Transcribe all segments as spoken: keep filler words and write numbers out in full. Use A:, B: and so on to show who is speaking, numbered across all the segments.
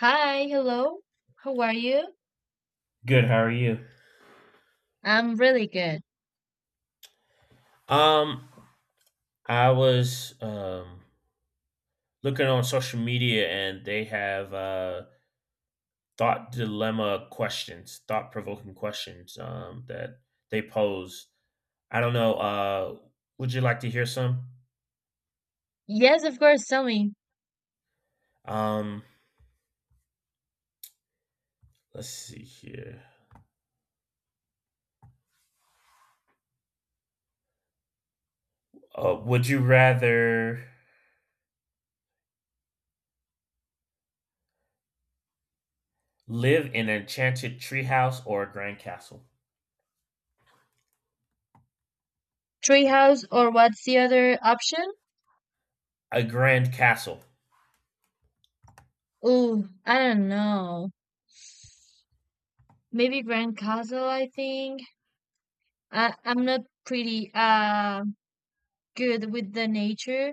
A: Hi, hello. How are you?
B: Good. How are you?
A: I'm really good.
B: Um, I was um looking on social media, and they have uh thought dilemma questions, thought provoking questions um that they pose. I don't know. Uh, would you like to hear some?
A: Yes, of course, tell me.
B: Um, let's see here. Uh, would you rather live in an enchanted treehouse or a grand castle?
A: Treehouse or what's the other option?
B: A grand castle.
A: Ooh, I don't know. Maybe Grand Castle, I think. I I'm not pretty uh good with the nature.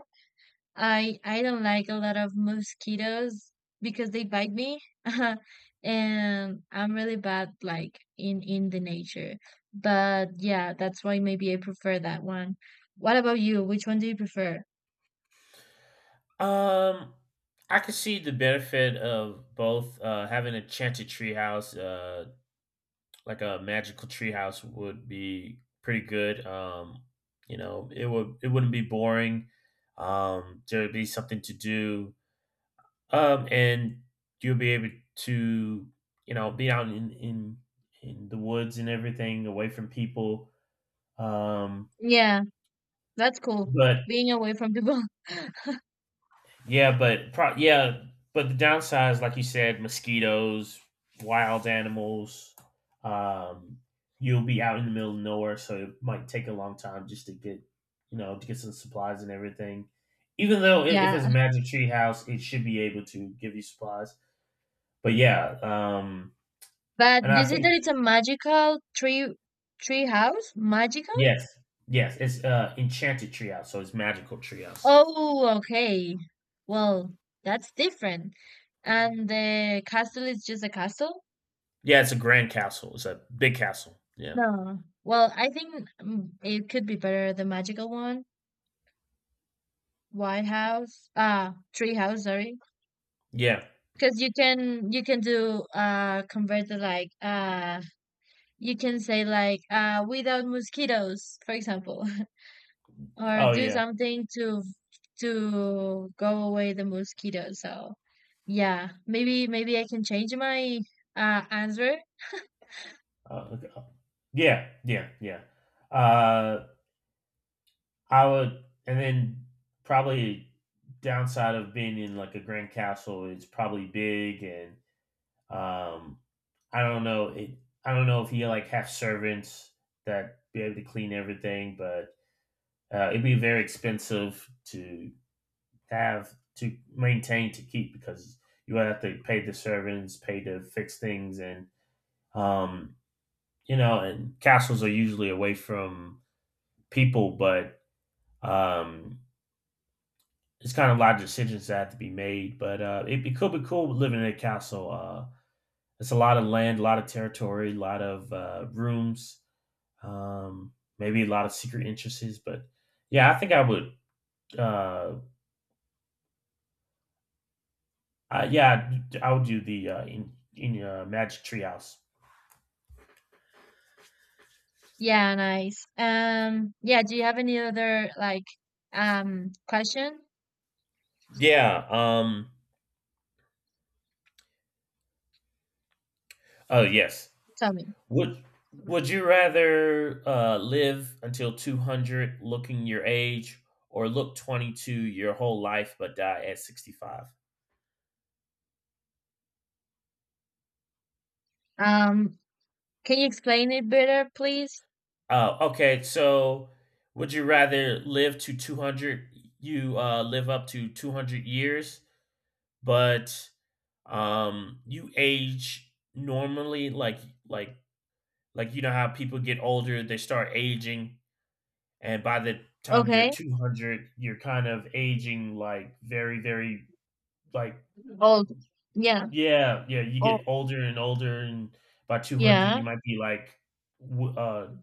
A: I I don't like a lot of mosquitoes because they bite me. And I'm really bad, like in in the nature. But yeah, that's why maybe I prefer that one. What about you? Which one do you prefer?
B: Um, I could see the benefit of both, uh, having a enchanted treehouse, uh, like a magical treehouse, would be pretty good. Um, you know, it would it wouldn't be boring. Um, there'd be something to do. Um, and you'll be able to, you know, be out in in in the woods and everything, away from people. Um,
A: Yeah, that's cool.
B: but
A: Being away from people.
B: Yeah, but pro- yeah, but the downsides, like you said, mosquitoes, wild animals. Um, you'll be out in the middle of nowhere, so it might take a long time just to get, you know, to get some supplies and everything. Even though I if it's
A: Yeah.
B: a magic tree house, it should be able to give you supplies. But yeah, um,
A: But
B: and
A: you
B: I
A: said that
B: think.
A: it's a magical tree tree house? Magical?
B: Yes, yes, it's uh, enchanted treehouse, so it's magical treehouse.
A: Oh, okay. Well, that's different. And the castle is just a castle?
B: Yeah, it's a grand castle. It's a big castle. Yeah,
A: No. Well, I think, mm, it could be better the magical one. White House, ah, tree house, sorry.
B: yeah.
A: Because you can you can do uh convert the, like, uh you can say, like, uh without mosquitoes, for example. Or
B: Oh
A: do
B: yeah.
A: something to to go away the mosquitoes. So yeah, maybe maybe I can change my uh answer.
B: Uh, Yeah, yeah, yeah. Uh, I would, and then probably downside of being in like a grand castle, it's probably big, and um, I don't know. It, I don't know if you like have servants that be able to clean everything, but uh, it'd be very expensive to have to maintain to keep, because you would have to pay the servants, pay to fix things, and um, you know, and castles are usually away from people, but. Um, it's kind of a lot of decisions that have to be made, but uh, it, it could be cool living in a castle. Uh, it's a lot of land, a lot of territory, a lot of uh, rooms, um, maybe a lot of secret interests. But yeah, I think I would. Uh, I, yeah, I'd- I would do the, uh, in in uh, Magic Treehouse.
A: Yeah, nice. Um yeah, do you have any other, like, um question?
B: Yeah. Um. Oh yes.
A: Tell me.
B: Would Would you rather uh, live until two hundred, looking your age, or look twenty two your whole life but die at sixty five?
A: Um can you explain it better, please?
B: Oh, okay. So, would you rather live to two hundred? You uh, live up to two hundred years, but um, you age normally, like like like you know how people get older, they start aging, and by the time you're
A: Okay.
B: two hundred, you're kind of aging like very, very, like.
A: Old. Yeah.
B: Yeah, yeah, you
A: Oh
B: get older and older, and by two hundred,
A: yeah.
B: you might be like w uh,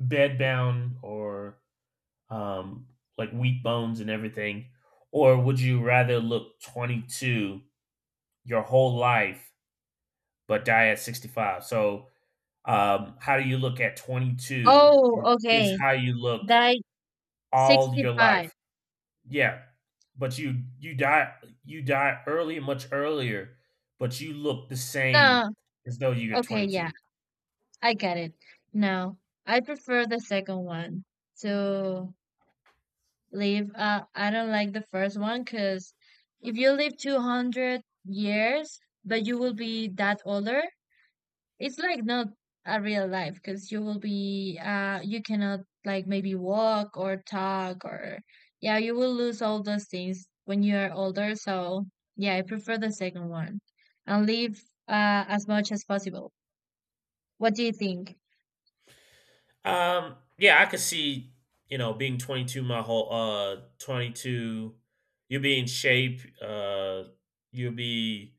B: bedbound, or um, like weak bones and everything. Or would you rather look twenty-two your whole life, but die at sixty-five? So, um, how do you look at twenty-two
A: Oh,
B: is, is
A: okay.
B: how you look
A: Die
B: all your
A: sixty-five.
B: life. Yeah, but you you die you die early, much earlier, but you look the same
A: No.
B: as though you're
A: Okay, yeah.
B: twenty-two.
A: I get it. Now, I prefer the second one to live. Uh, I don't like the first one because if you live two hundred years, but you will be that older, it's like not a real life because you will be, uh, you cannot, like, maybe walk or talk, or, yeah, you will lose all those things when you are older. So, yeah, I prefer the second one and live uh, as much as possible. What do you think?
B: Um, yeah, I could see, you know, being twenty-two my whole uh twenty-two. You'll be in shape, uh you'll be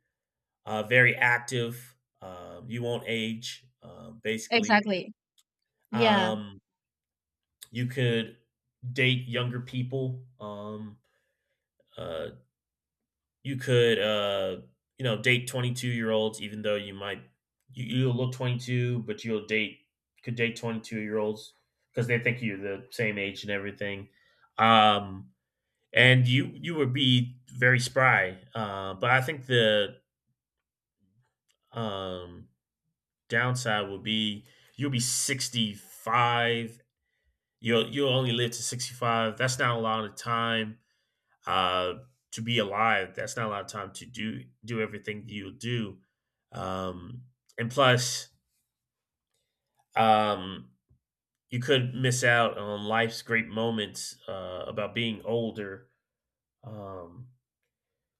B: uh very active. Um you won't age, um basically.
A: Exactly. Yeah.
B: Um you could date younger people. Um uh you could, uh you know date twenty-two year olds, even though you might, you, you'll look twenty-two, but you'll date could date twenty-two year olds, because they think you're the same age and everything, um and you you would be very spry, uh but I think the, um downside would be, you'll be sixty-five. You'll you'll only live to sixty-five. That's not a lot of time, uh, to be alive. That's not a lot of time to do do everything you do. Um, and plus, um, you could miss out on life's great moments, uh, about being older. Um,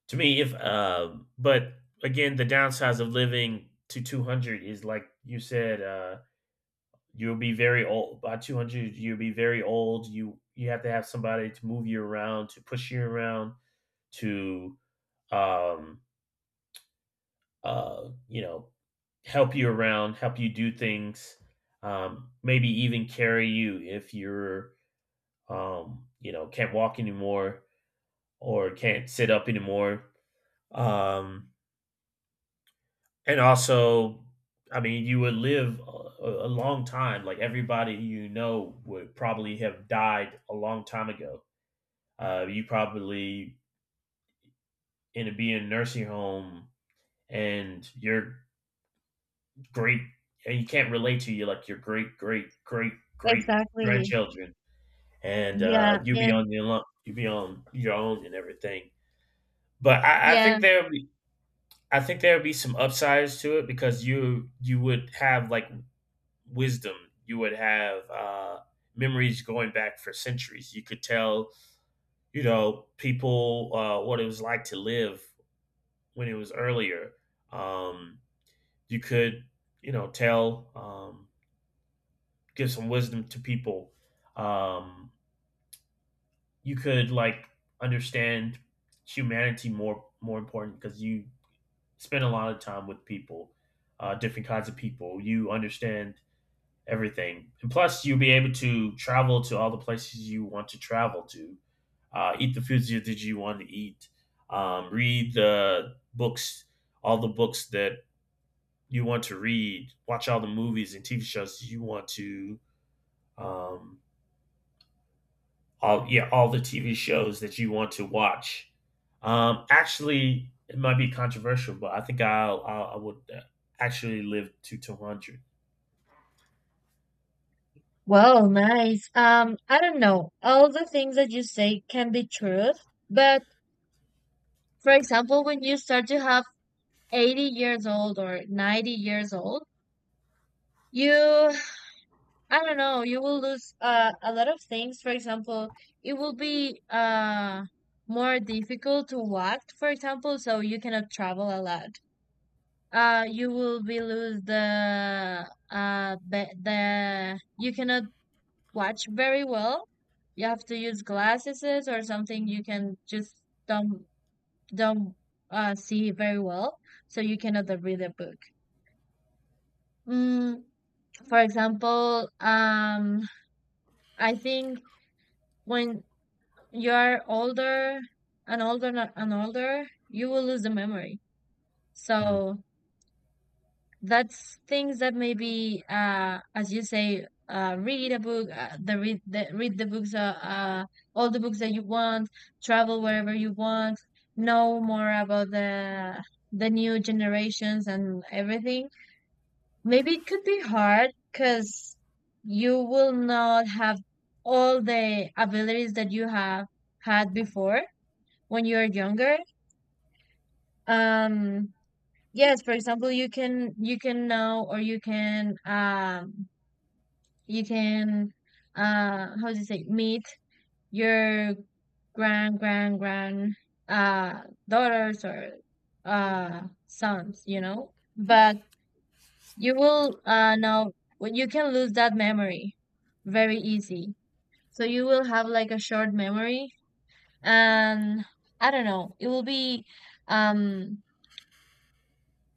B: to me, if uh, but again, the downsides of living to two hundred is like you said, uh, you'll be very old by two hundred. You'll be very old. You you have to have somebody to move you around, to push you around, to um, uh, you know, help you around, help you do things, um, maybe even carry you if you're, um, you know, can't walk anymore, or can't sit up anymore. Um, and also, I mean, you would live a, a long time. Like everybody you know would probably have died a long time ago. Uh, you probably in a, be in a nursing home, and you're great, and you can't relate to you like your great great great great
A: Exactly.
B: grandchildren, and uh
A: Yeah,
B: you be
A: and
B: on your own, you be on your own and everything. But I, I
A: yeah.
B: think there be i think there would be some upsides to it, because you you would have like wisdom. You would have uh memories going back for centuries. You could tell, you know people, uh what it was like to live when it was earlier. um you could, you know tell um give some wisdom to people. Um, you could like understand humanity, more more important, because you spend a lot of time with people, uh, different kinds of people. You understand everything, and plus you'll be able to travel to all the places you want to travel to, uh, eat the foods that you want to eat, um, read the books, all the books that you want to read, watch all the movies and T V shows you want to, um, all yeah, all the T V shows that you want to watch. Um, actually, it might be controversial, but I think I'll, I'll I would, uh, actually live to two hundred.
A: Well, nice. Um, I don't know. All the things that you say can be true, but, for example, when you start to have eighty years old or ninety years old, you, I don't know, you will lose uh, a lot of things. For example, it will be uh more difficult to walk, for example, so you cannot travel a lot. Uh, you will be lose the, uh be the, you cannot watch very well. You have to use glasses or something. You can just don't don't uh, see very well, so you cannot uh, read a book. Mm, for example, um, I think when you are older and older and older, you will lose the memory.
B: Hmm.
A: So, that's things that maybe, uh as you say, uh read a book, uh, the read the read the books, uh, uh all the books that you want, travel wherever you want, know more about the the new generations and everything. Maybe it could be hard because you will not have all the abilities that you have had before when you're younger. um Yes, for example, you can you can know, or, you can um you can uh how do you say, meet your grand grand grand uh daughters or uh sons, you know? But you will uh know, well, you can lose that memory very easy. So you will have, like, a short memory. And I don't know, it will be, um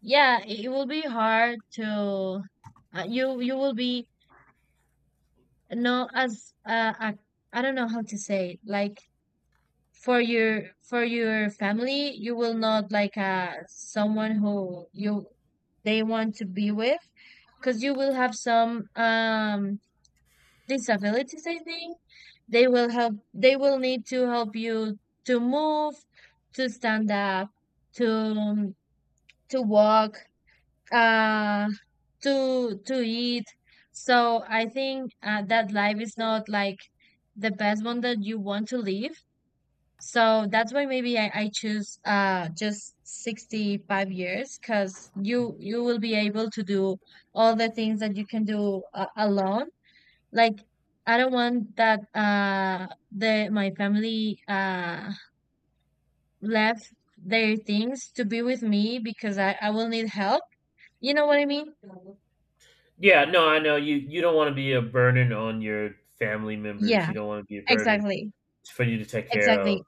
A: yeah, it it will be hard to, uh, you you will be no, as, uh, I, I don't know how to say it. Like, for your for your family, you will not, like, uh someone who you, they want to be with, because you will have some um disabilities, I think. They will help. They will need to help you to move, to stand up, to to walk, uh to to eat. So I think, uh, that life is not, like, the best one that you want to live. So that's why maybe i, I choose uh just sixty-five years, because you you will be able to do all the things that you can do uh, alone. Like, I don't want that uh the, my family uh left their things to be with me, because i i will need help. You know what I mean?
B: Yeah, no, I know you. You don't want to be a burden on your family members.
A: Yeah.
B: You don't want to be a burden
A: Exactly,
B: for you to take care
A: exactly.
B: of.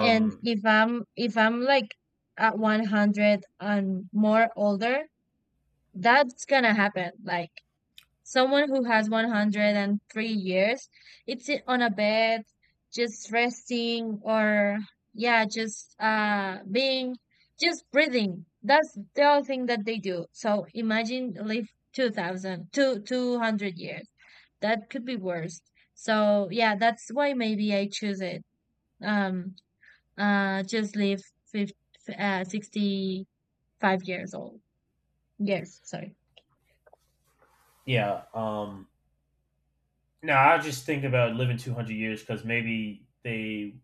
A: And if I'm if I'm, like, at one hundred and more older, that's gonna happen. Like someone who has one hundred and three years, it's, i- on a bed, just resting, or, yeah, just uh being, just breathing. That's the only thing that they do. So imagine live two thousand two hundred years. That could be worse. So yeah, that's why maybe I choose it. Um Uh, just lived, fif uh, sixty-five years old. Years, sorry.
B: yeah. Um, no, I just think about living two hundred years, because maybe they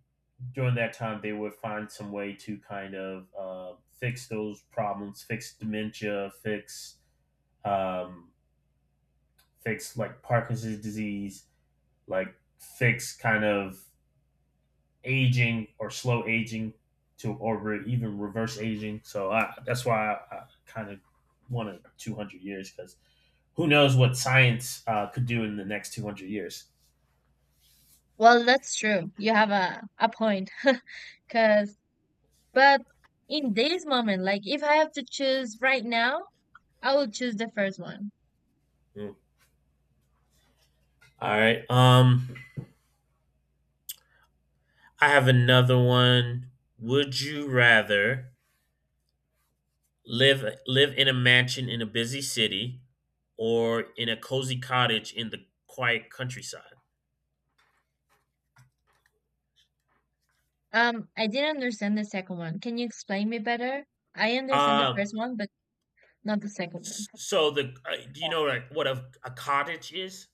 B: during that time they would find some way to kind of uh, fix those problems, fix dementia, fix um, fix like Parkinson's disease, like fix kind of aging, or slow aging, to or re- even reverse aging. So I, that's why I, I kind of wanted two hundred years, because who knows what science, uh, could do in the next two hundred years.
A: Well, that's true. You have a, a point. Because, but in this moment, like, if I have to choose right now, I will choose the first one.
B: Mm. All right. Um, I have another one. Would you rather live live in a mansion in a busy city, or in a cozy cottage in the quiet countryside?
A: Um, I didn't understand the second one. Can you explain me better? I understand the
B: um
A: first one, but not the second one.
B: s- so the uh, do you know like what a, a cottage is?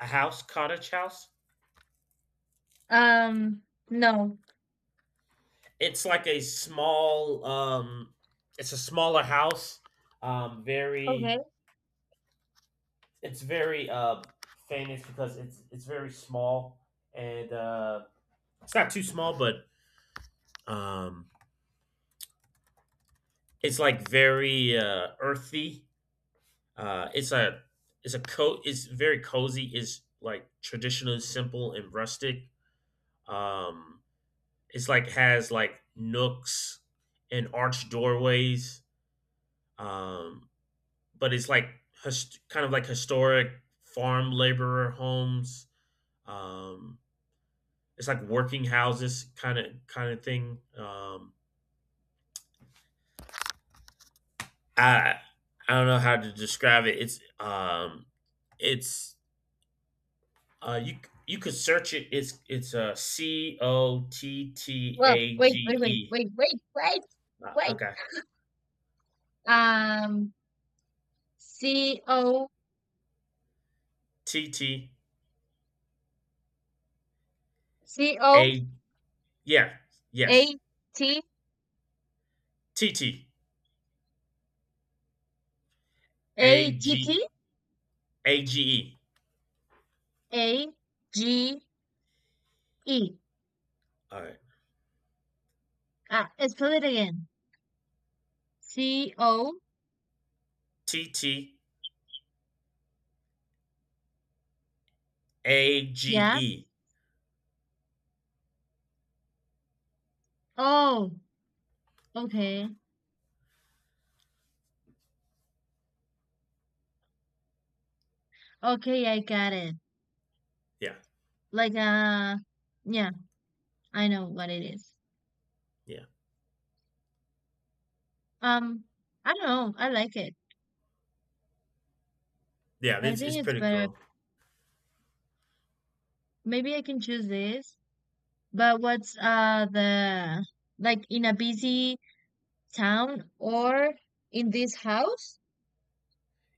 B: A house. Cottage house.
A: Um, no.
B: It's like a small, um it's a smaller house, um very
A: Okay.
B: it's very uh famous because it's it's very small, and uh it's not too small, but um it's like very, uh earthy. Uh, it's a it's a co It's very cozy. It's like traditional, simple, and rustic. Um, it's like has like nooks and arched doorways. Um, but it's like, hist- kind of like historic farm laborer homes. Um, it's like working houses, kind of kind of thing. Um, I I don't know how to describe it. It's um, it's Uh, you you could search it. It's it's uh C O T T
A: Well,
B: A
A: wait,
B: G
A: wait, wait,
B: E.
A: wait, wait, wait,
B: Uh,
A: wait.
B: okay.
A: Um, C O
B: T T
A: C O
B: A. Yeah,
A: A
B: yes.
A: T
B: T T A
A: A T
B: G
A: T
B: A G E.
A: A G E.
B: All right.
A: Ah, spell it again. C O.
B: T T A G
A: Yeah.
B: E.
A: Oh, okay. Okay, I got it.
B: Yeah,
A: Like, uh, yeah, I know what it is.
B: yeah,
A: Um, I don't know. I like it.
B: yeah.
A: I
B: It's it's
A: think it's
B: pretty
A: better.
B: cool.
A: Maybe I can choose this. But what's uh the, like, in a busy town, or in this house?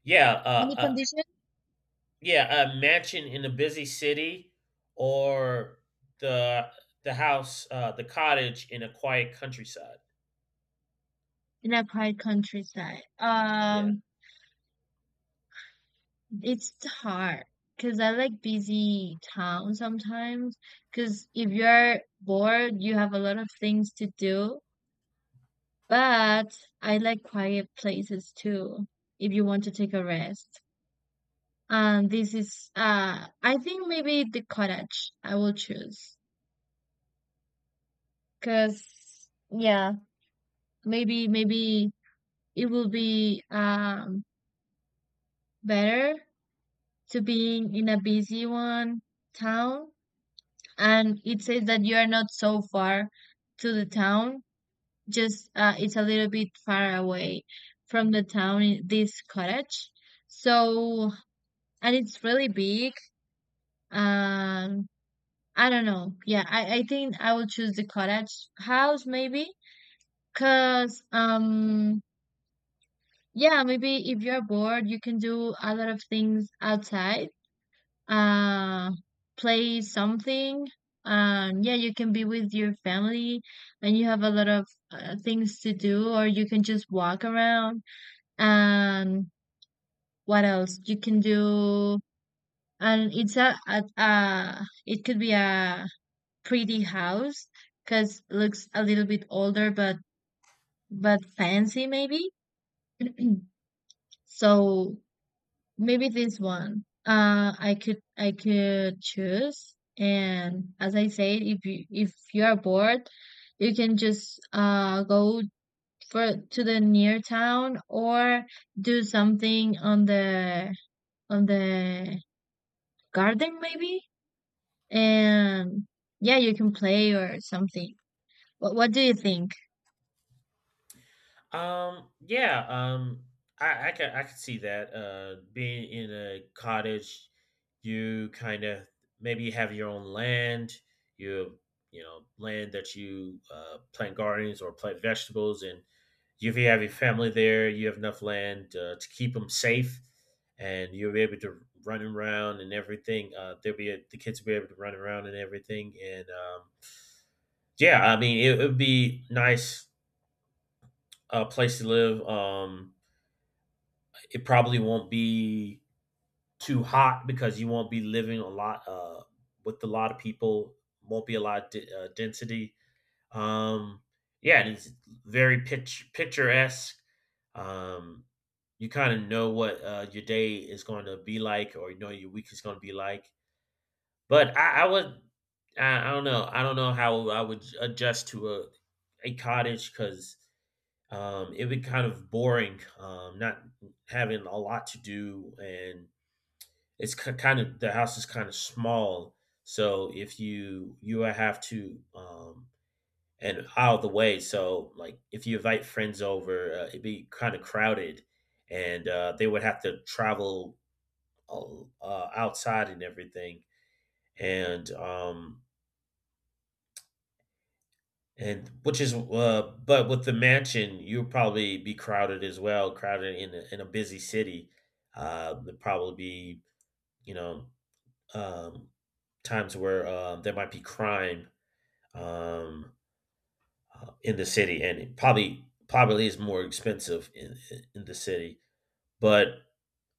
B: Yeah, uh,
A: Any
B: uh
A: condition?
B: yeah, a mansion in a busy city, or the the house, uh, the cottage in a quiet countryside.
A: In a quiet countryside.
B: Yeah.
A: Um, It's hard because I like busy town sometimes. Because if you're bored, you have a lot of things to do. But I like quiet places too, if you want to take a rest. And this is, uh, I think maybe the cottage I will choose. Because, yeah, maybe, maybe it will be, um, better to being in a busy one town, and it says that you are not so far to the town, just, uh, it's a little bit far away from the town in this cottage. So, and it's really big. Um i don't know, yeah, i, I think i will choose the cottage house maybe, because um yeah, maybe if you're bored, you can do a lot of things outside, uh play something. Um yeah you can be with your family, and you have a lot of uh, things to do, or you can just walk around. And what else you can do? And it's a, a, a it could be a pretty house, because looks a little bit older, but but fancy maybe. So maybe this one. Uh, I could I could choose. And as I said, if you if you are bored, you can just uh go for to the near town, or do something on the on the garden maybe. And yeah, you can play or something. What what do you think?
B: Um, yeah. Um, I, I can I can see that. Uh, being in a cottage, you kind of maybe you have your own land. You you know land that you, uh, plant gardens or plant vegetables, and if you have your family there, you have enough land, uh, to keep them safe, and you'll be able to run around and everything. Uh, they'll be the kids will be able to run around and everything, and um, yeah, I mean it would be nice, uh, place to live. Um It probably won't be too hot because you won't be living a lot, uh, with a lot of people. Won't be a lot of d- uh, density. Um, yeah, and it's very, pitch picturesque. Um, you kind of know what, uh, your day is going to be like, or you know your week is going to be like. But I, I would, I, I don't know, I don't know how I would adjust to a a cottage because um, it would be kind of boring, um, not having a lot to do, and it's kind of the house is kind of small, so if you you have to um and out of the way, so like if you invite friends over, uh, it'd be kind of crowded, and uh, they would have to travel uh, uh, outside and everything. And um and which is uh but with the mansion, you'll probably be crowded as well, crowded in a, in a busy city. uh it'd probably be you know um, times where um, there might be crime, um, uh, in the city, and it probably probably is more expensive in in- in the city. But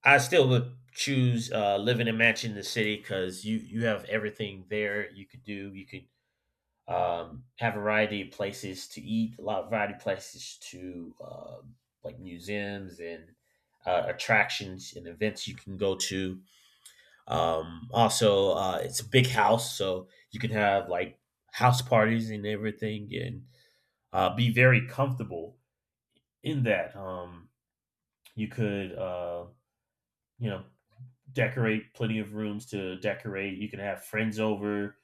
B: I still would choose uh, living and matching the city because you you have everything there you could do. You could um, have a variety of places to eat, a lot of variety of places to uh, like museums and uh, attractions and events you can go to. Um, also, uh, it's a big house, so you can have like house parties and everything, and uh, be very comfortable in that. Um, you could, uh, you know, Decorate, plenty of rooms to decorate. You can have friends over.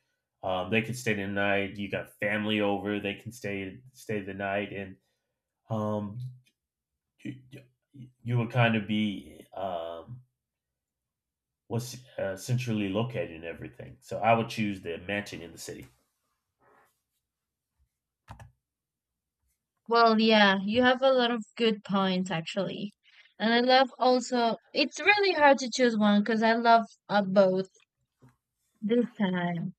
B: Um, they can stay the night. You got family over. They can stay stay the night, and um, you, you would kind of be um, what's uh, centrally located and everything. So I would choose the mansion in the city.
A: Well, yeah, you have a lot of good points actually. And I love, also, it's really hard to choose one because I love uh, both. This time.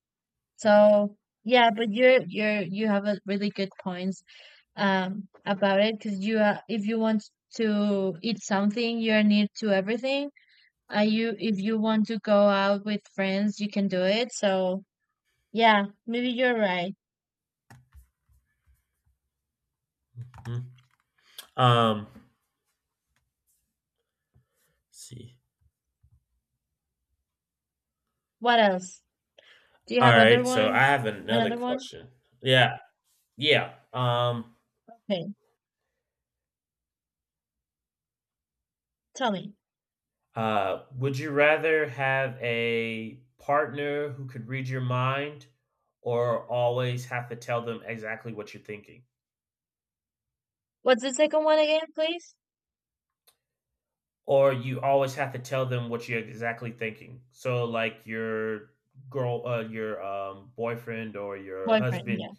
A: So yeah, but you're you're you have a really good points, um about it, because you, uh, if you want to eat something, you're near to everything. Uh, you If you want to go out with friends, you can do it. So yeah, maybe you're right.
B: Um, let's see.
A: What else? Do you
B: All
A: have other
B: right, so I
A: one?
B: have another
A: Another one?
B: question. Yeah, yeah. Um,
A: Okay, tell me.
B: uh, would you rather have a partner who could read your mind, or always have to tell them exactly what you're thinking?
A: What's the second one again, please?
B: Or you always have to tell them what you're exactly thinking. So, like your girl, uh, your um, boyfriend or your
A: Boyfriend.
B: husband,
A: Yeah.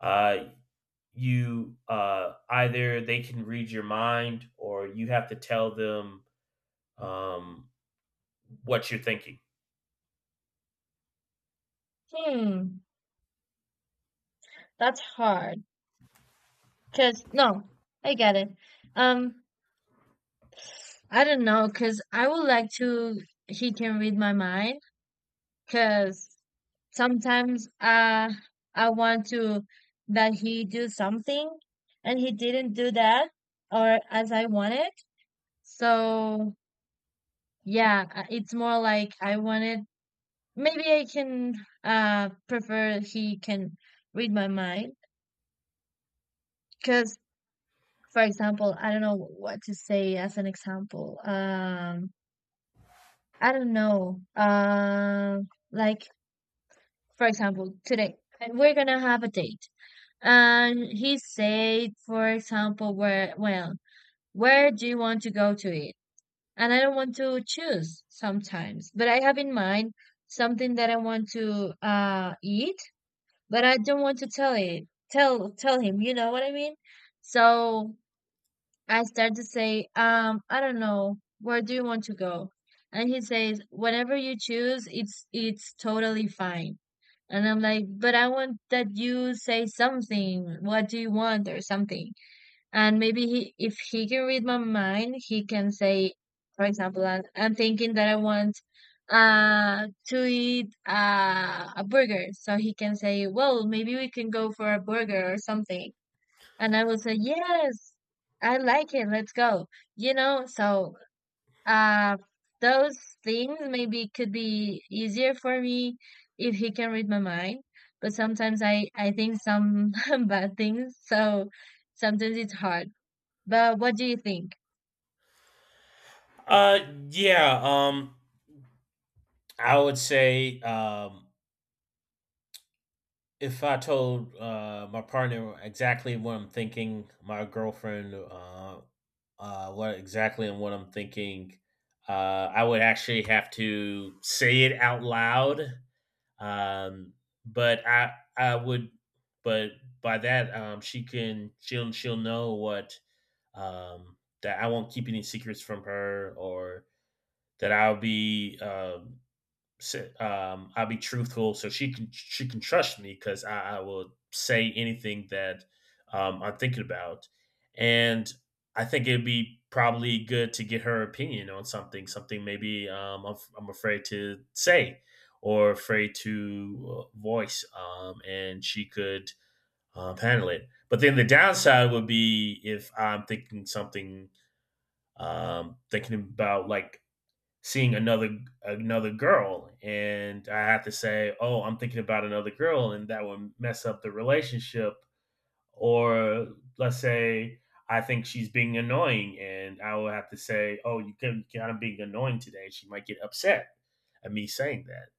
B: uh, you uh, either they can read your mind, or you have to tell them um, what you're thinking.
A: Hmm. That's hard. Cause no, I get it. Um. I don't know, because I would like to he can read my mind, because sometimes, uh, I want to, that he do something, and he didn't do that, or as I wanted. So yeah, uh, it's more like I wanted, maybe I can uh prefer he can read my mind, because, for example, I don't know what to say as an example. Um, I don't know. Um, like, for example, today, and we're gonna have a date. And he said, for example, where, well, where do you want to go to eat? And I don't want to choose sometimes, but I have in mind something that I want to uh eat, but I don't want to tell it, tell tell him, you know what I mean? So I start to say, um, I don't know, where do you want to go? And he says, whatever you choose, it's it's totally fine. And I'm like, but I want that you say something. What do you want or something? And maybe he, if he can read my mind, he can say, for example, I'm, I'm thinking that I want uh to eat uh, a burger. So he can say, well, maybe we can go for a burger or something. And I would say, yes, I like it. Let's go. You know, so, uh, those things maybe could be easier for me if he can read my mind. But sometimes I, I think some bad things. So sometimes it's hard. But what do you think?
B: Uh, yeah. Um, I would say, um, if I told uh my partner exactly what I'm thinking, my girlfriend, uh, uh, what exactly and what I'm thinking, uh, I would actually have to say it out loud. Um, but I, I would, but by that, um, she can, she'll, she'll know what, um, that I won't keep any secrets from her, or that I'll be um, si- um, I'll be truthful, so she can she can trust me because I, I will say anything that um, I'm thinking about, and I think it'd be probably good to get her opinion on something, something maybe um, I'm, I'm afraid to say or afraid to uh, voice, um, and she could um, handle it. But then the downside would be if I'm thinking something, um, thinking about like seeing another another girl and I have to say, "Oh, I'm thinking about another girl," and that would mess up the relationship, or let's say I think she's being annoying and I will have to say, "Oh, you can kind of being annoying today." She might get upset at me saying that.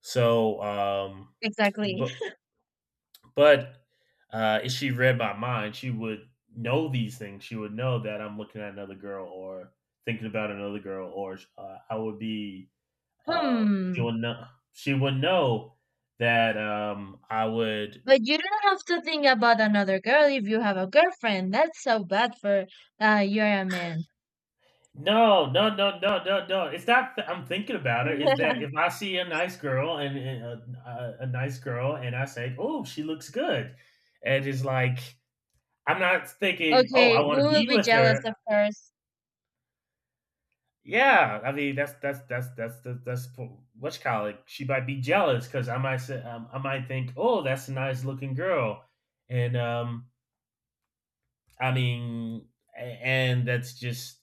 B: So, um
A: Exactly.
B: but but uh if she read my mind, she would know these things. She would know that I'm looking at another girl or thinking about another girl, or uh, I would be uh, she
A: Hmm.
B: would know. She would know that um, I would.
A: But you don't have to think about another girl if you have a girlfriend. That's so bad for, uh, you're a man.
B: No, no, no, no, no, no. It's not that I'm thinking about it. Is that if I see a nice girl and, and a, a, a nice girl, and I say, "Oh, she looks good," and it's like I'm not thinking, "Oh, I
A: Okay, we
B: want to
A: will
B: be
A: be
B: with
A: jealous,
B: her."
A: of course.
B: Yeah, I mean that's that's that's that's that's, that's po- what you call it. She might be jealous because I might say, um, I might think, "Oh, that's a nice looking girl," and um, I mean, a- and that's just,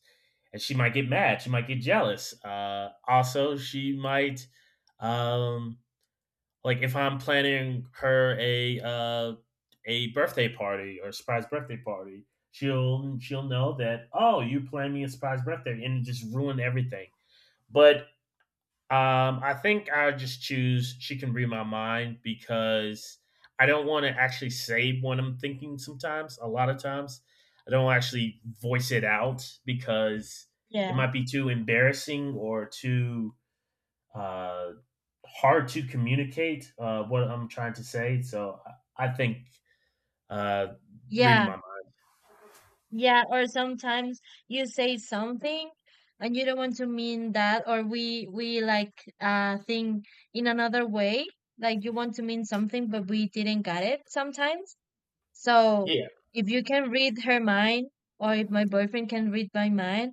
B: and she might get mad. She might get jealous. Uh, also, she might, um, like if I'm planning her a uh, a birthday party, or a surprise birthday party, she'll she'll know that, oh, you plan me a surprise birthday, and it just ruin everything. But um, I think I just choose "She Can Read My Mind" because I don't want to actually say what I'm thinking. Sometimes, a lot of times, I don't actually voice it out because it
A: Yeah.
B: might be too embarrassing or too uh, hard to communicate uh, what I'm trying to say. So, I I think uh, reading
A: Yeah.
B: my mind.
A: Yeah, or sometimes you say something, and you don't want to mean that, or we we like, uh think in another way, like you want to mean something but we didn't get it sometimes. So
B: Yeah,
A: if you can read her mind, or if my boyfriend can read my mind,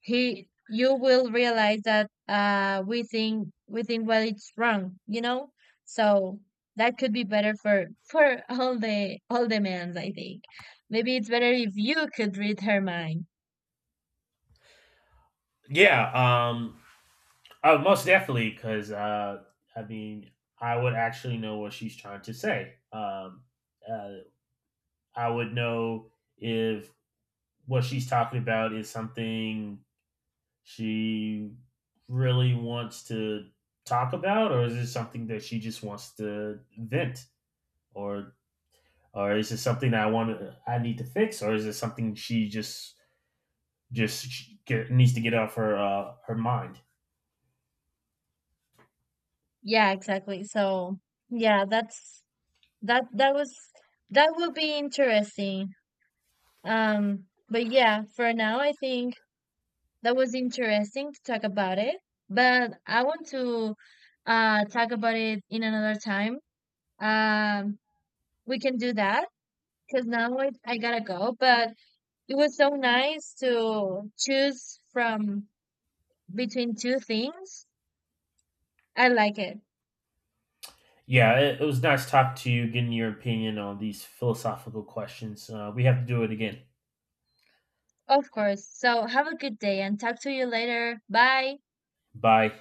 A: he you will realize that, uh we think we think, well, it's wrong, you know. So that could be better for for all the all the men, I think. Maybe it's better if you could read her mind.
B: yeah. Um, Oh, most definitely, because uh, I mean, I would actually know what she's trying to say. Um, uh, I would know if what she's talking about is something she really wants to talk about, or is it something that she just wants to vent, or or is it something that I want to, I need to fix, or is it something she just just sh- get, needs to get off her uh, her mind?
A: Yeah, exactly. So yeah, that's that that was that would be interesting. Um but yeah, for now, I think that was interesting to talk about it, but I want to, uh talk about it in another time. um we can do that, because now I, I gotta go. But it was so nice to choose from between two things. I like it.
B: Yeah, it, it was nice talking to you, getting your opinion on these philosophical questions. Uh, we have to do it again.
A: Of course. So have a good day and talk to you later. Bye.
B: Bye.